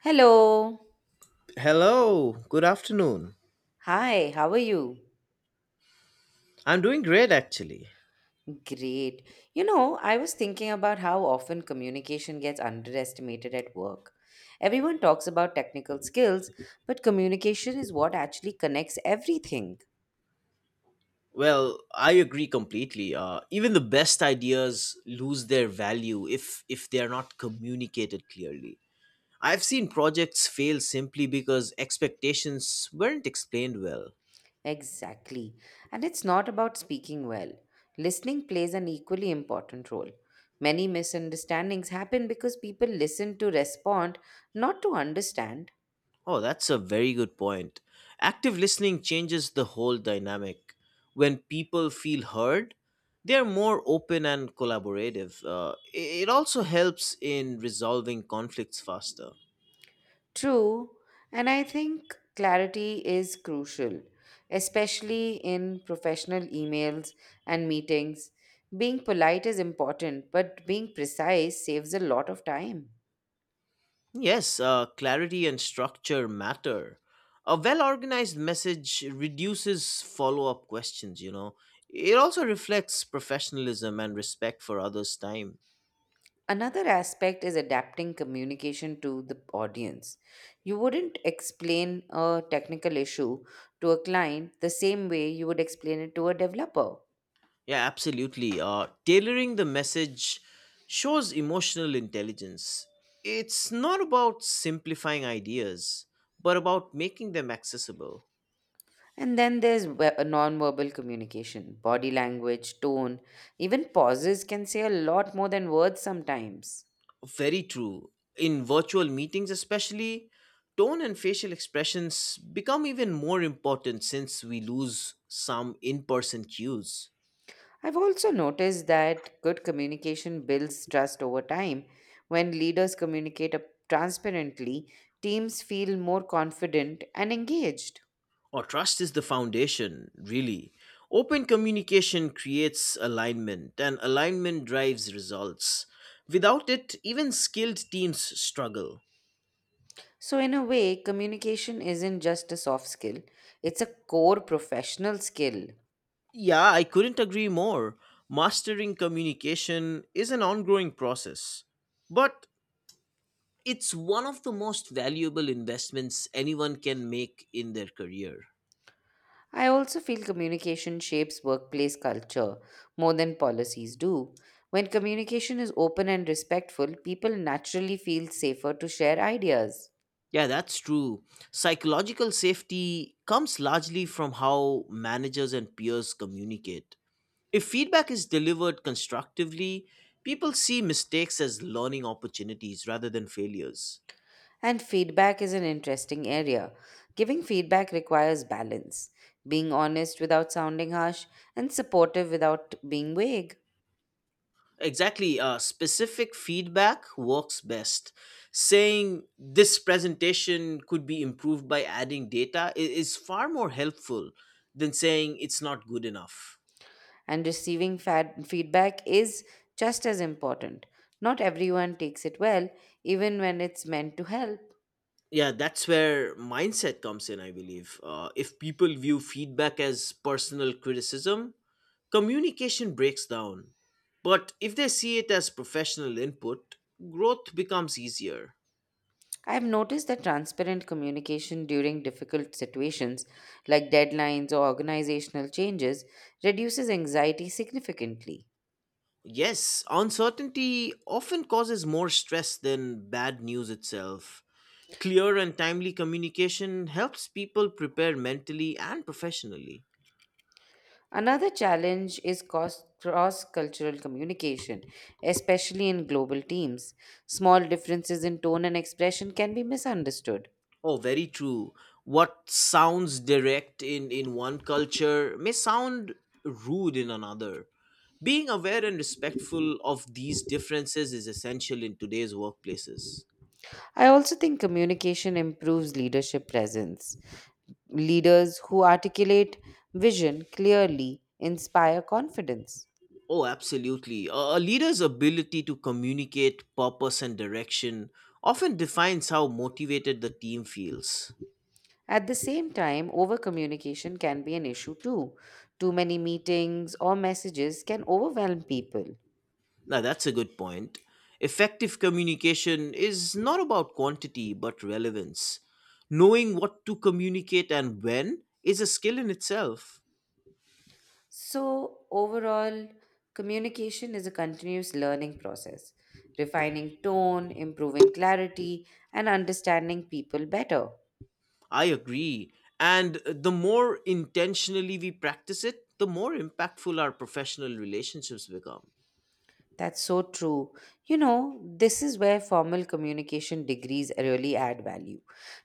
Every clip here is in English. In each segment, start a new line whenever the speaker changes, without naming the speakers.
Hello.
Hello, good afternoon.
Hi, how are you?
I'm doing great actually.
Great. You know, I was thinking about how often communication gets underestimated at work. Everyone talks about technical skills, but communication is what actually connects everything.
Well, I agree completely. Even the best ideas lose their value if they are not communicated clearly. I've seen projects fail simply because expectations weren't explained well.
Exactly. And it's not about speaking well. Listening plays an equally important role. Many misunderstandings happen because people listen to respond, not to understand.
Oh, that's a very good point. Active listening changes the whole dynamic. When people feel heard, they're more open and collaborative. It also helps in resolving conflicts faster.
True, and I think clarity is crucial, especially in professional emails and meetings. Being polite is important, but being precise saves a lot of time.
Yes, clarity and structure matter. A well organized message reduces follow up questions. It also reflects professionalism and respect for others' time.
Another aspect is adapting communication to the audience. You wouldn't explain a technical issue to a client the same way you would explain it to a developer.
Yeah, absolutely. Tailoring the message shows emotional intelligence. It's not about simplifying ideas, but about making them accessible.
And then there's verbal communication, body language, tone, even pauses can say a lot more than words sometimes.
Very true. In virtual meetings, especially, tone and facial expressions become even more important since we lose some in person cues.
I've also noticed that good communication builds trust over time. When leaders communicate transparently, teams feel more confident and engaged.
Or trust is the foundation, really. Open communication creates alignment, and alignment drives results. Without it, even skilled teams struggle.
So, in a way, communication isn't just a soft skill, it's a core professional skill.
Yeah, I couldn't agree more. Mastering communication is an ongoing process. But it's one of the most valuable investments anyone can make in their career.
I also feel communication shapes workplace culture more than policies do. When communication is open and respectful, people naturally feel safer to share ideas.
Yeah, that's true. Psychological safety comes largely from how managers and peers communicate. If feedback is delivered constructively, people see mistakes as learning opportunities rather than failures.
And feedback is an interesting area. Giving feedback requires balance, being honest without sounding harsh, and supportive without being vague.
Exactly. Specific feedback works best. Saying this presentation could be improved by adding data is far more helpful than saying it's not good enough.
And receiving feedback is just as important. Not everyone takes it well, even when it's meant to help.
Yeah, that's where mindset comes in, I believe. If people view feedback as personal criticism, communication breaks down. But if they see it as professional input, growth becomes easier.
I have noticed that transparent communication during difficult situations like deadlines or organizational changes reduces anxiety significantly.
Yes, uncertainty often causes more stress than bad news itself. Clear and timely communication helps people prepare mentally and professionally.
Another challenge is cross cultural communication, especially in global teams. Small differences in tone and expression can be misunderstood.
Oh, very true. What sounds direct in one culture may sound rude in another. Being aware and respectful of these differences is essential in today's workplaces.
I also think communication improves leadership presence. Leaders who articulate vision clearly inspire confidence.
Oh, absolutely. A leader's ability to communicate purpose and direction often defines how motivated the team feels.
At the same time, overcommunication can be an issue too. Too many meetings or messages can overwhelm people.
Now, that's a good point. Effective communication is not about quantity but relevance. Knowing what to communicate and when is a skill in itself.
So, overall, communication is a continuous learning process, refining tone, improving clarity, and understanding people better.
I agree. And the more intentionally we practice it, the more impactful our professional relationships become.
That's so true. You know, this is where formal communication degrees really add value.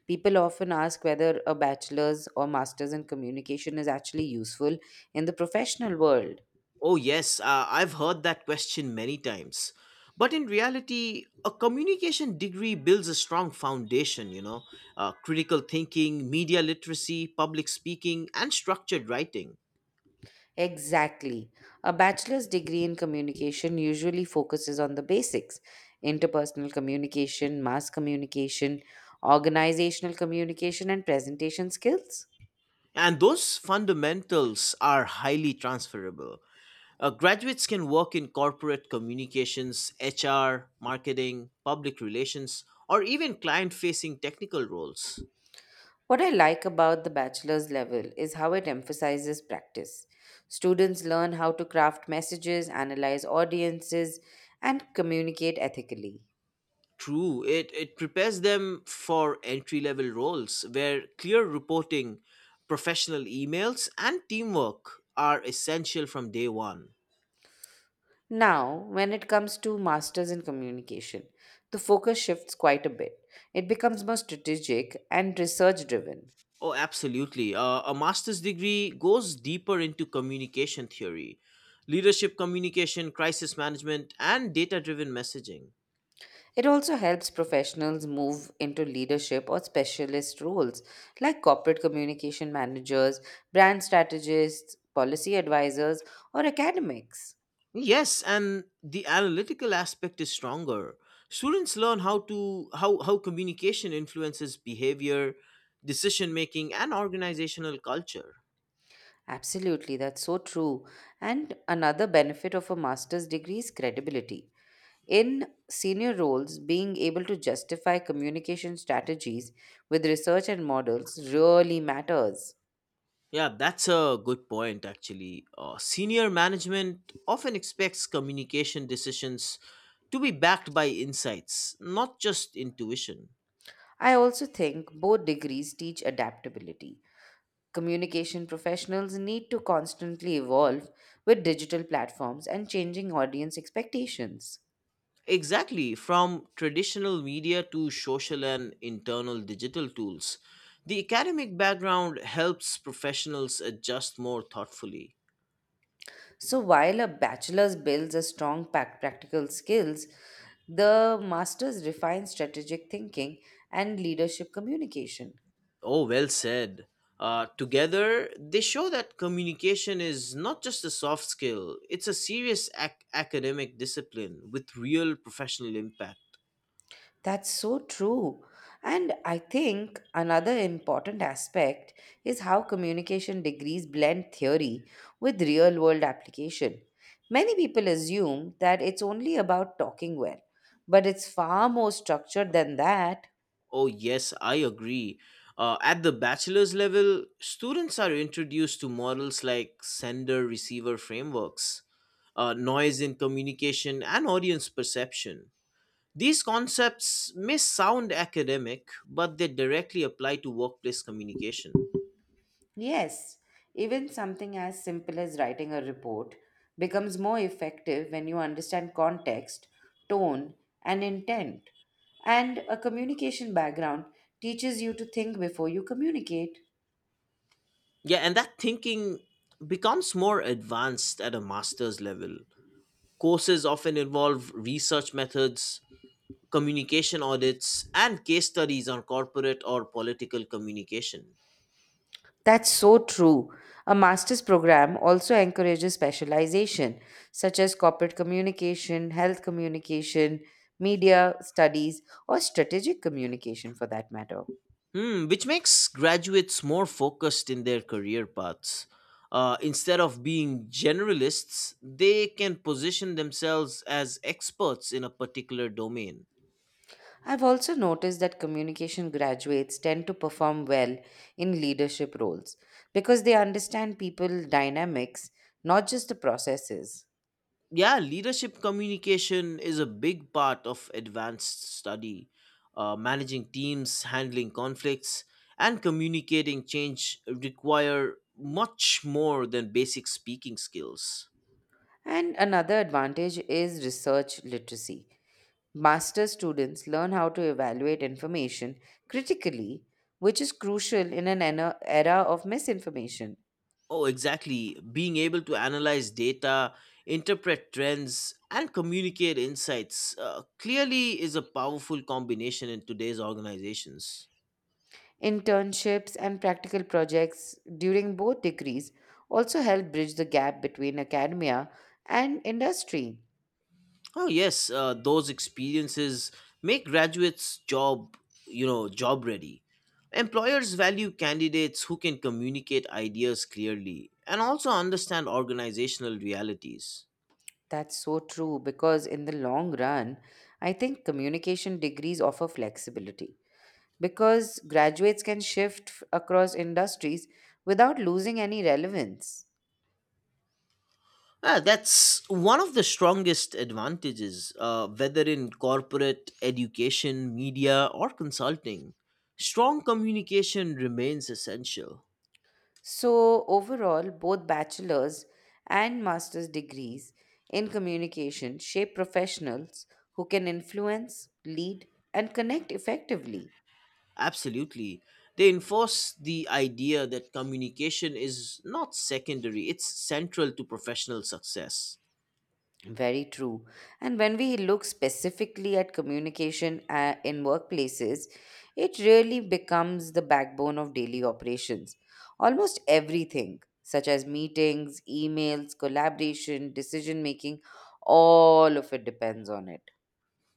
People often ask whether a bachelor's or master's in communication is actually useful in the professional world.
Oh, yes, I've heard that question many times. But in reality, a communication degree builds a strong foundation: critical thinking, media literacy, public speaking, and structured writing.
Exactly. A bachelor's degree in communication usually focuses on the basics: interpersonal communication, mass communication, organizational communication, and presentation skills.
And those fundamentals are highly transferable. Graduates can work in corporate communications, HR, marketing, public relations, or even client facing technical roles.
What I like about the bachelor's level is how it emphasizes practice. Students learn how to craft messages, analyze audiences, and communicate ethically.
True, it prepares them for entry level roles where clear reporting, professional emails, and teamwork are essential from day one.
Now, when it comes to masters in communication, the focus shifts quite a bit. It becomes more strategic and research driven.
Oh, absolutely. A master's degree goes deeper into communication theory, leadership communication, crisis management, and data driven messaging.
It also helps professionals move into leadership or specialist roles like corporate communication managers, brand strategists, policy advisors, or academics.
Yes, and the analytical aspect is stronger. Students learn how communication influences behavior, decision making, and organizational culture.
Absolutely, that's so true. And another benefit of a master's degree is credibility. In senior roles, being able to justify communication strategies with research and models really matters.
Yeah, that's a good point actually. Senior management often expects communication decisions to be backed by insights, not just intuition.
I also think both degrees teach adaptability. Communication professionals need to constantly evolve with digital platforms and changing audience expectations.
Exactly, from traditional media to social and internal digital tools, the academic background helps professionals adjust more thoughtfully.
So while a bachelor's builds a strong practical skills, the master's refines strategic thinking and leadership communication.
Oh, well said. Together, they show that communication is not just a soft skill, it's a serious academic discipline with real professional impact.
That's so true. And I think another important aspect is how communication degrees blend theory with real world application. Many people assume that it's only about talking well, but it's far more structured than that.
Oh, yes, I agree. At the bachelor's level, students are introduced to models like sender receiver frameworks, noise in communication, and audience perception. These concepts may sound academic, but they directly apply to workplace communication.
Yes, even something as simple as writing a report becomes more effective when you understand context, tone, and intent. And a communication background teaches you to think before you communicate.
Yeah, and that thinking becomes more advanced at a master's level. Courses often involve research methods, communication audits, and case studies on corporate or political communication.
That's so true. A master's program also encourages specialization, such as corporate communication, health communication, media studies, or strategic communication for that matter.
Hmm, which makes graduates more focused in their career paths. Instead of being generalists, they can position themselves as experts in a particular domain.
I've also noticed that communication graduates tend to perform well in leadership roles because they understand people dynamics, not just the processes.
Yeah, leadership communication is a big part of advanced study. Managing teams, handling conflicts, and communicating change require much more than basic speaking skills.
And another advantage is research literacy. Master students learn how to evaluate information critically, which is crucial in an era of misinformation.
Oh exactly, being able to analyze data, interpret trends, and communicate insights clearly is a powerful combination in today's organizations.
Internships and practical projects during both degrees also help bridge the gap between academia and industry.
Oh yes, those experiences make graduates job ready. Employers value candidates who can communicate ideas clearly and also understand organizational realities.
That's so true because in the long run, I think communication degrees offer flexibility because graduates can shift across industries without losing any relevance.
Ah, that's one of the strongest advantages, whether in corporate, education, media, or consulting. Strong communication remains essential.
So, overall, both bachelor's and master's degrees in communication shape professionals who can influence, lead, and connect effectively.
Absolutely. They enforce the idea that communication is not secondary, it's central to professional success.
Very true. And when we look specifically at communication in workplaces, it really becomes the backbone of daily operations. Almost everything, such as meetings, emails, collaboration, decision making, all of it depends on it.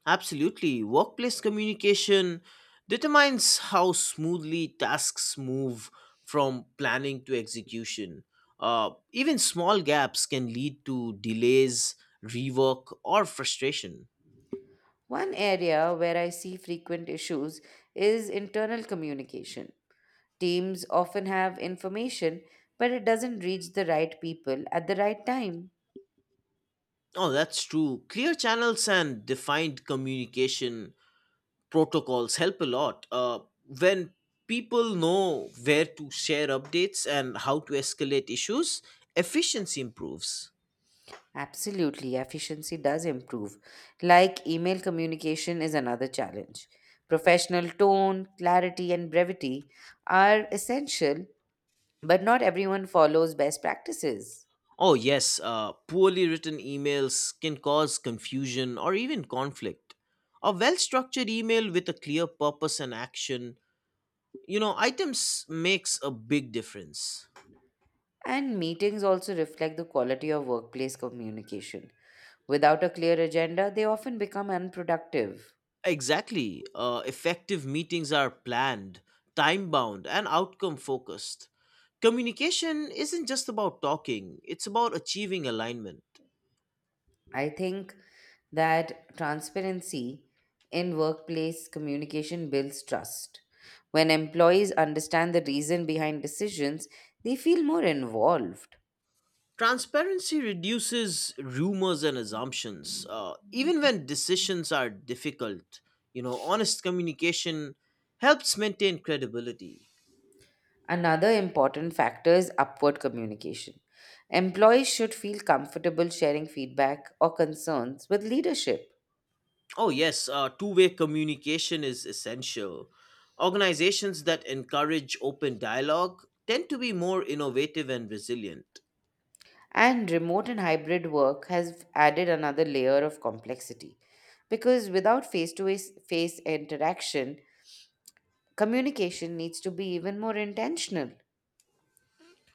Absolutely. Workplace communication determines how smoothly tasks move from planning to execution. Even small gaps can lead to delays, rework, or frustration.
One area where I see frequent issues is internal communication. Teams often have information, but it doesn't reach the right people at the right time.
Oh, that's true. Clear channels and defined communication protocols help a lot. When people know where to share updates and how to escalate issues, efficiency improves.
Absolutely, efficiency does improve. Like email communication is another challenge. Professional tone, clarity, and brevity are essential, but not everyone follows best practices.
Oh, yes, poorly written emails can cause confusion or even conflict. A well structured email with a clear purpose and items makes a big difference.
And meetings also reflect the quality of workplace communication. Without a clear agenda, they often become unproductive.
Exactly. Effective meetings are planned, time bound, and outcome focused. Communication isn't just about talking, it's about achieving alignment.
I think that transparency in workplace communication builds trust. When employees understand the reason behind decisions, they feel more involved.
Transparency reduces rumors and assumptions, even when decisions are difficult. Honest communication helps maintain credibility.
Another important factor is upward communication. Employees should feel comfortable sharing feedback or concerns with leadership.
Oh, yes, two-way communication is essential. Organizations that encourage open dialogue tend to be more innovative and resilient.
And remote and hybrid work has added another layer of complexity because without face to face interaction, communication needs to be even more intentional.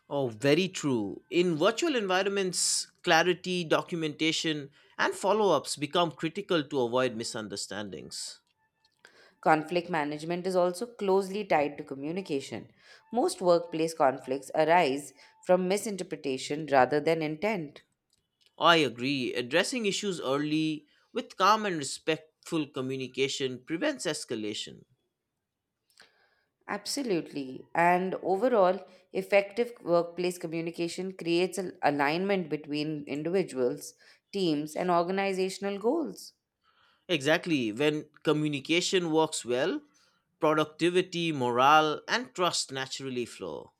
Oh, very true. In virtual environments, clarity, documentation, and follow ups become critical to avoid misunderstandings.
Conflict management is also closely tied to communication. Most workplace conflicts arise from misinterpretation rather than intent.
I agree. Addressing issues early with calm and respectful communication prevents escalation.
Absolutely. And overall, effective workplace communication creates an alignment between individuals, teams, and organizational goals.
Exactly. When communication works well, productivity, morale, and trust naturally flow.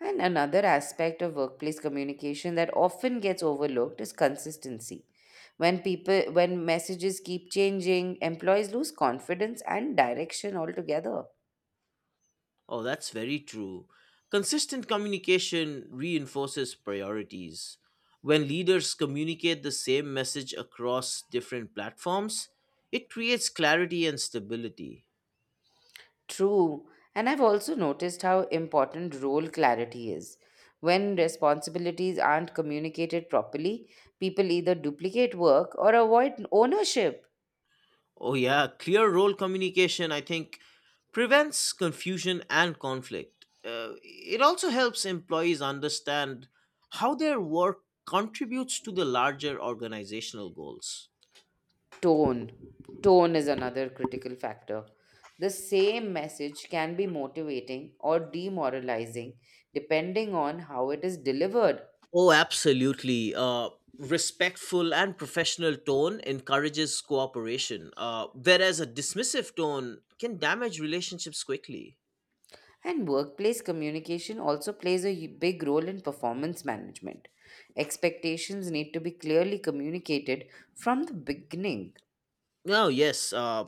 And another aspect of workplace communication that often gets overlooked is consistency. When messages keep changing, employees lose confidence and direction altogether.
Oh, that's very true. Consistent communication reinforces priorities. When leaders communicate the same message across different platforms, it creates clarity and stability.
True. And I've also noticed how important role clarity is. When responsibilities aren't communicated properly, people either duplicate work or avoid ownership.
Oh, yeah, clear role communication, I think, prevents confusion and conflict. It also helps employees understand how their work contributes to the larger organizational goals.
Tone. Tone is another critical factor. The same message can be motivating or demoralizing depending on how it is delivered.
Oh, absolutely. Respectful and professional tone encourages cooperation, whereas a dismissive tone can damage relationships quickly.
And workplace communication also plays a big role in performance management. Expectations need to be clearly communicated from the beginning.
Oh yes.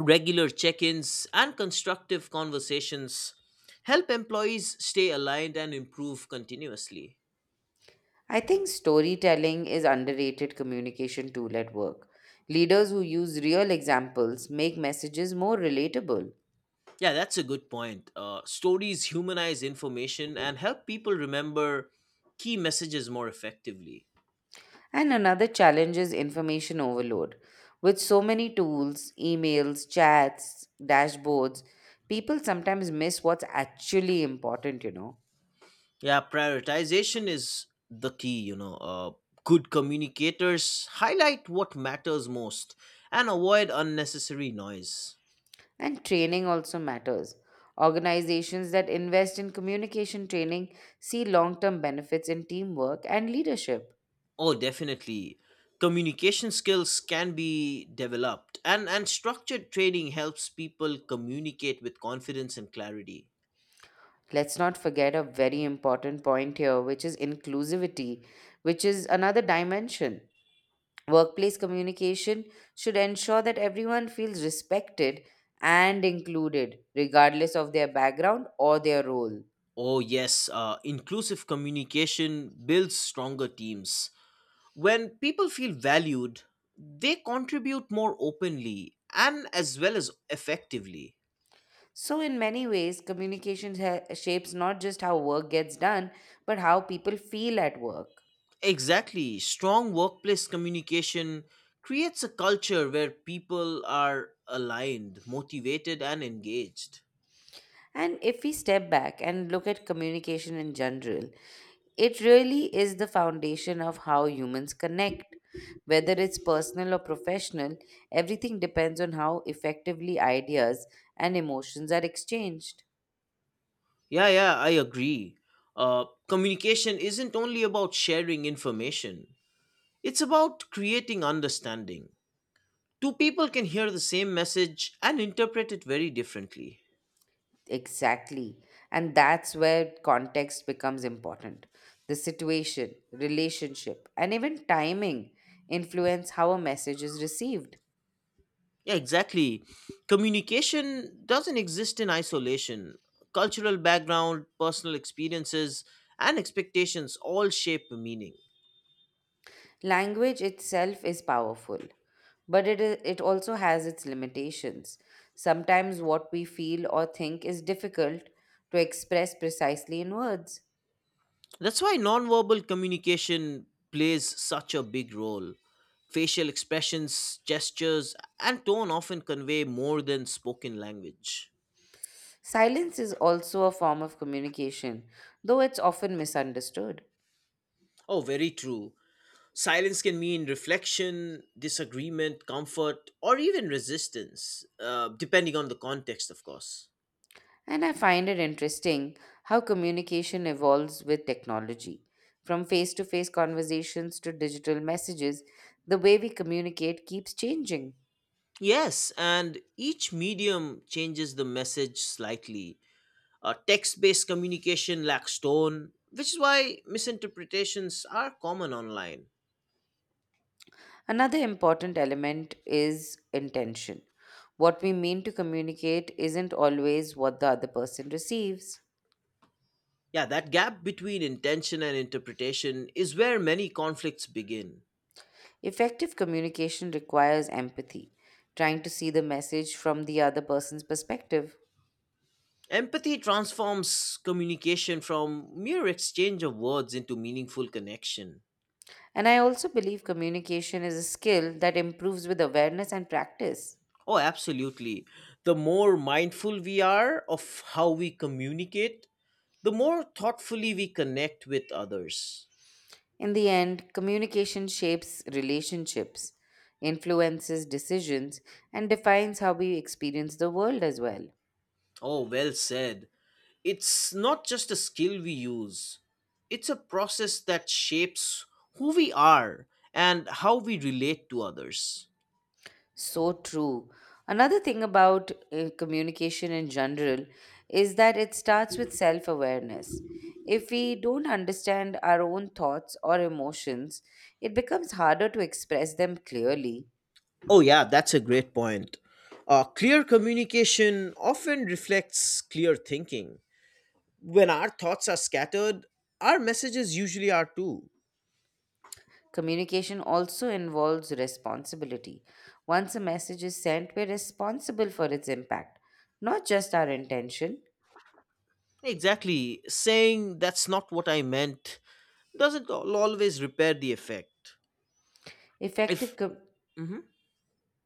Regular check ins and constructive conversations help employees stay aligned and improve continuously.
I think storytelling is underrated communication tool at work. Leaders who use real examples make messages more relatable.
Yeah, that's a good point. Stories humanize information and help people remember key messages more effectively.
And another challenge is information overload. With so many tools, emails, chats, dashboards, people sometimes miss what's actually important, you know.
Yeah, prioritization is the key. Good communicators highlight what matters most and avoid unnecessary noise.
And training also matters. Organizations that invest in communication training see long term benefits in teamwork and leadership.
Oh, definitely. Communication skills can be developed, and structured training helps people communicate with confidence and clarity.
Let's not forget a very important point here, which is inclusivity, which is another dimension. Workplace communication should ensure that everyone feels respected and included, regardless of their background or their role.
Oh, yes, inclusive communication builds stronger teams. When people feel valued, they contribute more openly and as well as effectively.
So, in many ways, communication shapes not just how work gets done, but how people feel at work.
Exactly. Strong workplace communication creates a culture where people are aligned, motivated, and engaged.
And if we step back and look at communication in general, it really is the foundation of how humans connect. Whether it's personal or professional, everything depends on how effectively ideas and emotions are exchanged.
Yeah, I agree. Communication isn't only about sharing information, it's about creating understanding. Two people can hear the same message and interpret it very differently.
Exactly. And that's where context becomes important. The situation, relationship, and even timing influence how a message is received.
Yeah, exactly. Communication doesn't exist in isolation. Cultural background, personal experiences, and expectations all shape the meaning.
Language itself is powerful, but it also has its limitations. Sometimes what we feel or think is difficult to express precisely in words.
That's why nonverbal communication plays such a big role. Facial expressions, gestures, and tone often convey more than spoken language.
Silence is also a form of communication, though it's often misunderstood.
Oh, very true. Silence can mean reflection, disagreement, comfort, or even resistance, depending on the context, of course.
And I find it interesting how communication evolves with technology. From face to face conversations to digital messages, the way we communicate keeps changing.
Yes, and each medium changes the message slightly. Text based communication lacks tone, which is why misinterpretations are common online.
Another important element is intention. What we mean to communicate isn't always what the other person receives.
Yeah, that gap between intention and interpretation is where many conflicts begin.
Effective communication requires empathy, trying to see the message from the other person's perspective.
Empathy transforms communication from mere exchange of words into meaningful connection.
And I also believe communication is a skill that improves with awareness and practice.
Oh, absolutely. The more mindful we are of how we communicate, the more thoughtfully we connect with others.
In the end, communication shapes relationships, influences decisions, and defines how we experience the world as well.
Oh, well said. It's not just a skill we use, it's a process that shapes who we are and how we relate to others.
So true. Another thing about communication in general is that it starts with self awareness. If we don't understand our own thoughts or emotions, it becomes harder to express them clearly.
Oh, yeah, that's a great point. Clear communication often reflects clear thinking. When our thoughts are scattered, our messages usually are too.
Communication also involves responsibility. Once a message is sent, we're responsible for its impact, not just our intention.
Exactly. Saying that's not what I meant doesn't always repair the effect.
Effective,
If.
co-
Hmm.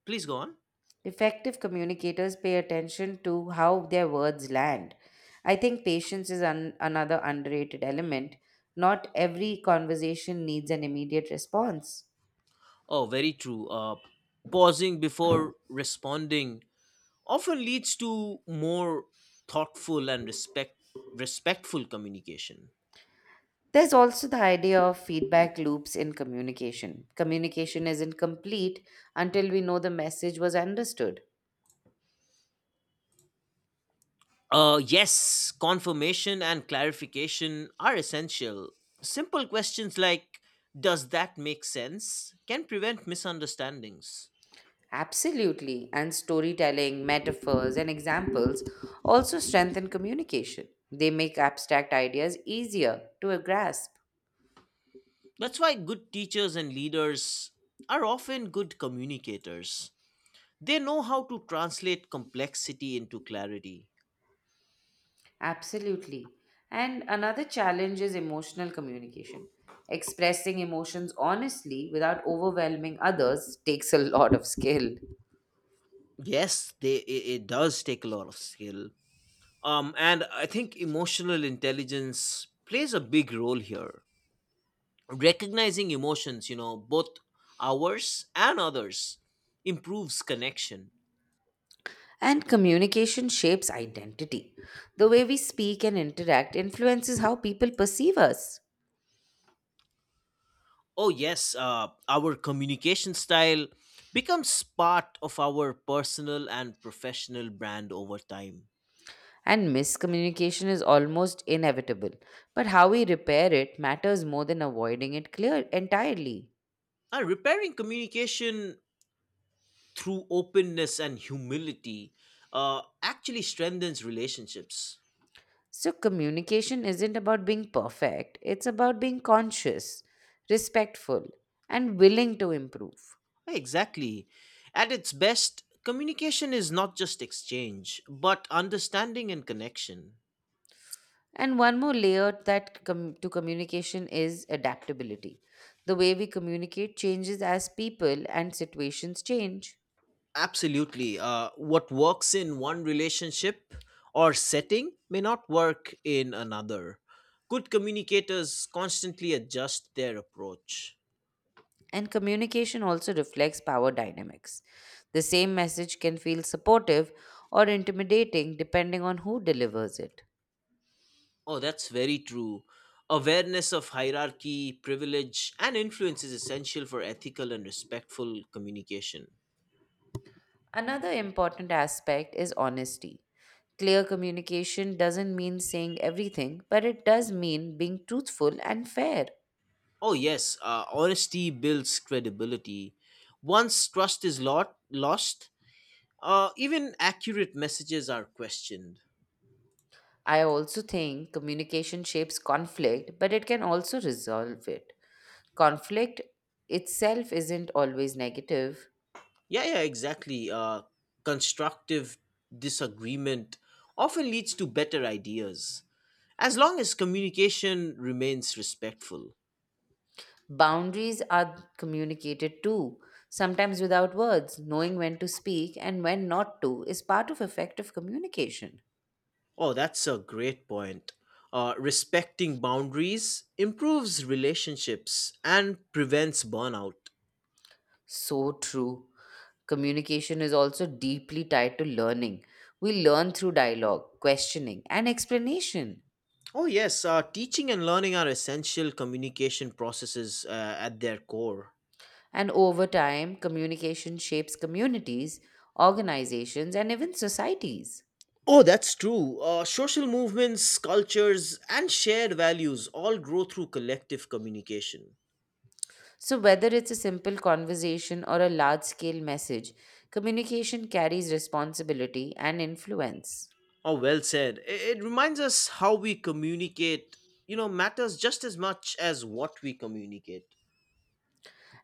Please go on.
Effective communicators pay attention to how their words land. I think patience is another underrated element. Not every conversation needs an immediate response.
Oh, very true. Pausing before responding often leads to more thoughtful and respectful communication.
There's also the idea of feedback loops in communication. Communication isn't complete until we know the message was understood.
Yes, confirmation and clarification are essential. Simple questions like, does that make sense, can prevent misunderstandings.
Absolutely. And storytelling, metaphors, and examples also strengthen communication. They make abstract ideas easier to grasp.
That's why good teachers and leaders are often good communicators. They know how to translate complexity into clarity.
Absolutely. And another challenge is emotional communication. Expressing emotions honestly without overwhelming others takes a lot of skill.
Yes, it does take a lot of skill. And I think emotional intelligence plays a big role here, recognizing emotions, both ours and others, improves connection.
And communication shapes identity. The way we speak and interact influences how people perceive us.
Oh yes, our communication style becomes part of our personal and professional brand over time.
And miscommunication is almost inevitable, but how we repair it matters more than avoiding it clear entirely.
Repairing communication through openness and humility actually strengthens relationships.
So communication isn't about being perfect, it's about being conscious, respectful, and willing to improve.
Exactly, at its best communication is not just exchange but understanding and connection.
And one more layer that to communication is adaptability. The way we communicate changes as people and situations change.
Absolutely. What works in one relationship or setting may not work in another. Good communicators constantly adjust their approach.
And communication also reflects power dynamics. The same message can feel supportive or intimidating depending on who delivers it.
Oh, that's very true. Awareness of hierarchy, privilege, and influence is essential for ethical and respectful communication.
Another important aspect is honesty. Clear communication doesn't mean saying everything, but it does mean being truthful and fair.
Oh, yes, honesty builds credibility. Once trust is lost, even accurate messages are questioned.
I also think communication shapes conflict, but it can also resolve it. Conflict itself isn't always negative.
Yeah, exactly. Constructive disagreement often leads to better ideas, as long as communication remains respectful.
Boundaries are communicated too, sometimes without words. Knowing when to speak and when not to is part of effective communication.
Oh, that's a great point. Respecting boundaries improves relationships and prevents burnout.
So true. Communication is also deeply tied to learning. We learn through dialogue, questioning, and explanation.
Oh, yes, teaching and learning are essential communication processes at their core.
And over time, communication shapes communities, organizations, and even societies.
Oh, that's true. Social movements, cultures, and shared values all grow through collective communication.
So, whether it's a simple conversation or a large scale message, communication carries responsibility and influence.
Oh, well said. I- It reminds us how we communicate matters just as much as what we communicate.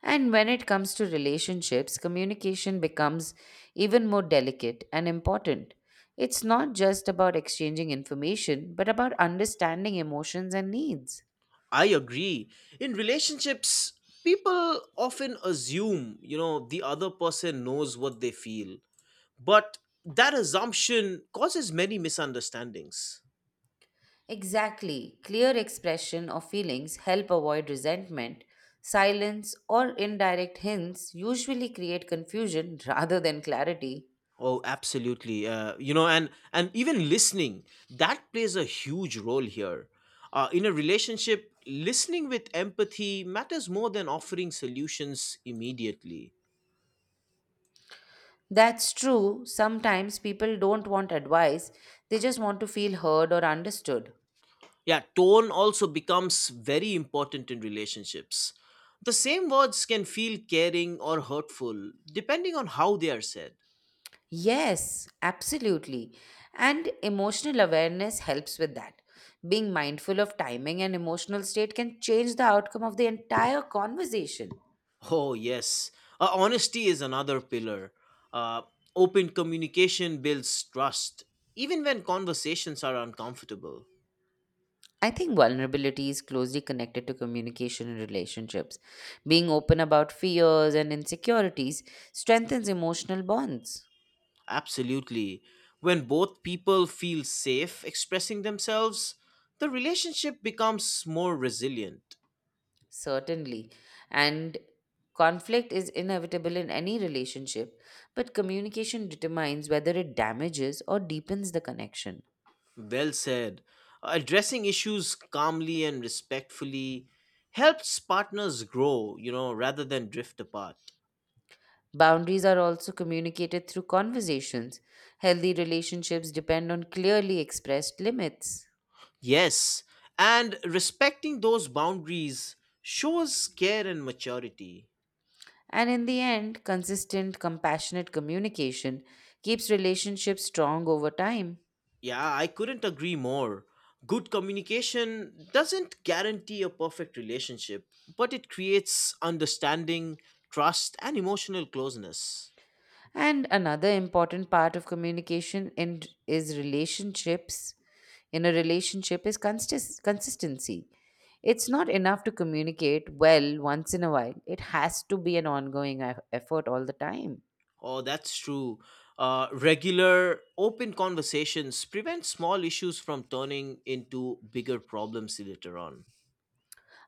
And when it comes to relationships, communication becomes even more delicate and important. It's not just about exchanging information, but about understanding emotions and needs.
I agree. In relationships, people often assume the other person knows what they feel. But that assumption causes many misunderstandings.
Exactly. Clear expression of feelings help avoid resentment. Silence or indirect hints usually create confusion rather than clarity.
Oh, absolutely. And even listening, that plays a huge role here. In a relationship, listening with empathy matters more than offering solutions immediately.
That's true. Sometimes people don't want advice, they just want to feel heard or understood.
Yeah, tone also becomes very important in relationships. The same words can feel caring or hurtful depending on how they are said.
Yes, absolutely. And emotional awareness helps with that. Being mindful of timing and emotional state can change the outcome of the entire conversation.
Oh, yes. Honesty is another pillar. Uh, Open communication builds trust, even when conversations are uncomfortable.
I think vulnerability is closely connected to communication in relationships. Being open about fears and insecurities strengthens emotional bonds.
Absolutely. When both people feel safe expressing themselves, the relationship becomes more resilient.
Certainly. And conflict is inevitable in any relationship, but communication determines whether it damages or deepens the connection.
Well said. Addressing issues calmly and respectfully helps partners grow rather than drift apart.
Boundaries are also communicated through conversations. Healthy relationships depend on clearly expressed limits.
Yes, and respecting those boundaries shows care and maturity.
And in the end, consistent, compassionate communication keeps relationships strong over time.
Yeah, I couldn't agree more. Good communication doesn't guarantee a perfect relationship, but it creates understanding, trust, and emotional closeness.
And another important part of communication is relationships. In a relationship is consistency. It's not enough to communicate well once in a while. It has to be an ongoing effort all the time.
Oh, that's true. Regular, open conversations prevent small issues from turning into bigger problems later on.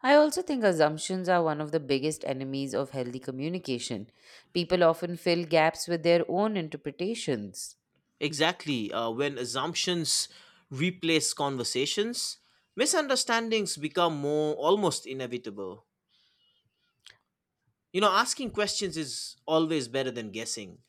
I also think assumptions are one of the biggest enemies of healthy communication. People often fill gaps with their own interpretations.
Exactly. When assumptions replace conversations, misunderstandings become more almost inevitable. You know, asking questions is always better than guessing.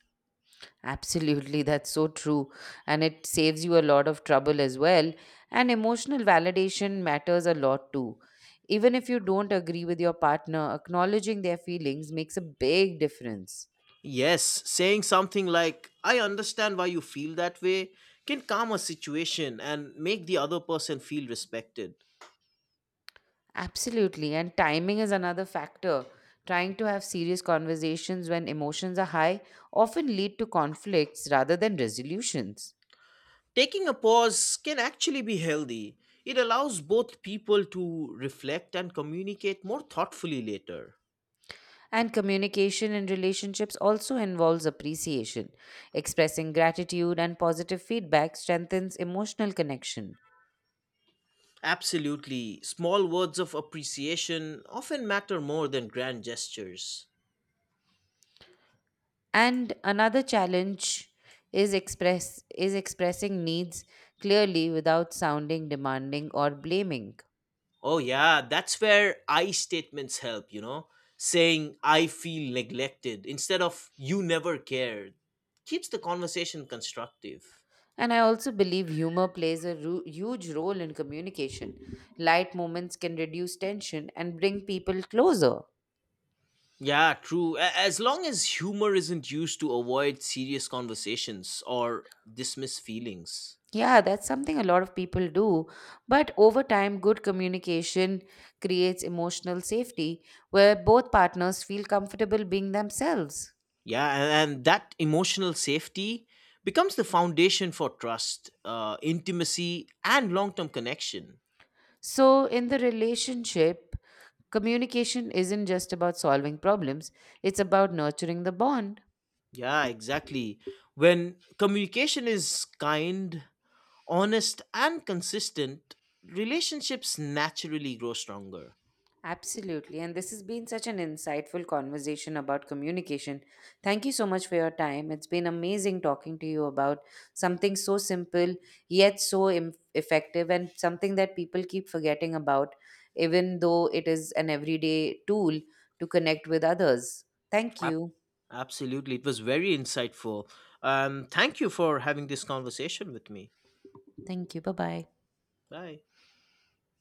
Absolutely, that's so true. And it saves you a lot of trouble as well. And emotional validation matters a lot too. Even if you don't agree with your partner, acknowledging their feelings makes a big difference.
Yes, saying something like, I understand why you feel that way, can calm a situation and make the other person feel respected.
Absolutely. And timing is another factor. Trying to have serious conversations when emotions are high often lead to conflicts rather than resolutions.
Taking a pause can actually be healthy. It allows both people to reflect and communicate more thoughtfully later.
And communication in relationships also involves appreciation. Expressing gratitude and positive feedback strengthens emotional connection.
Absolutely. Small words of appreciation often matter more than grand gestures.
And another challenge is expressing needs clearly without sounding demanding or blaming.
Oh, yeah, that's where I statements help, you know? Saying, I feel neglected instead of you never cared keeps the conversation constructive.
And I also believe humor plays a huge role in communication. Light moments can reduce tension and bring people closer.
Yeah, true. As long as humor isn't used to avoid serious conversations or dismiss feelings.
Yeah, that's something a lot of people do. But over time, good communication creates emotional safety where both partners feel comfortable being themselves.
Yeah, and that emotional safety becomes the foundation for trust, intimacy, and long term connection.
So, in the relationship, communication isn't just about solving problems, it's about nurturing the bond.
Yeah, exactly. When communication is kind, honest, and consistent, relationships naturally grow stronger.
Absolutely. And this has been such an insightful conversation about communication. Thank you so much for your time. It's been amazing talking to you about something so simple, yet so effective, and something that people keep forgetting about, even though it is an everyday tool to connect with others. Thank
Ab-
you.
Absolutely. It was very insightful. Thank you for having this conversation with me.
Thank you. Bye bye.
Bye.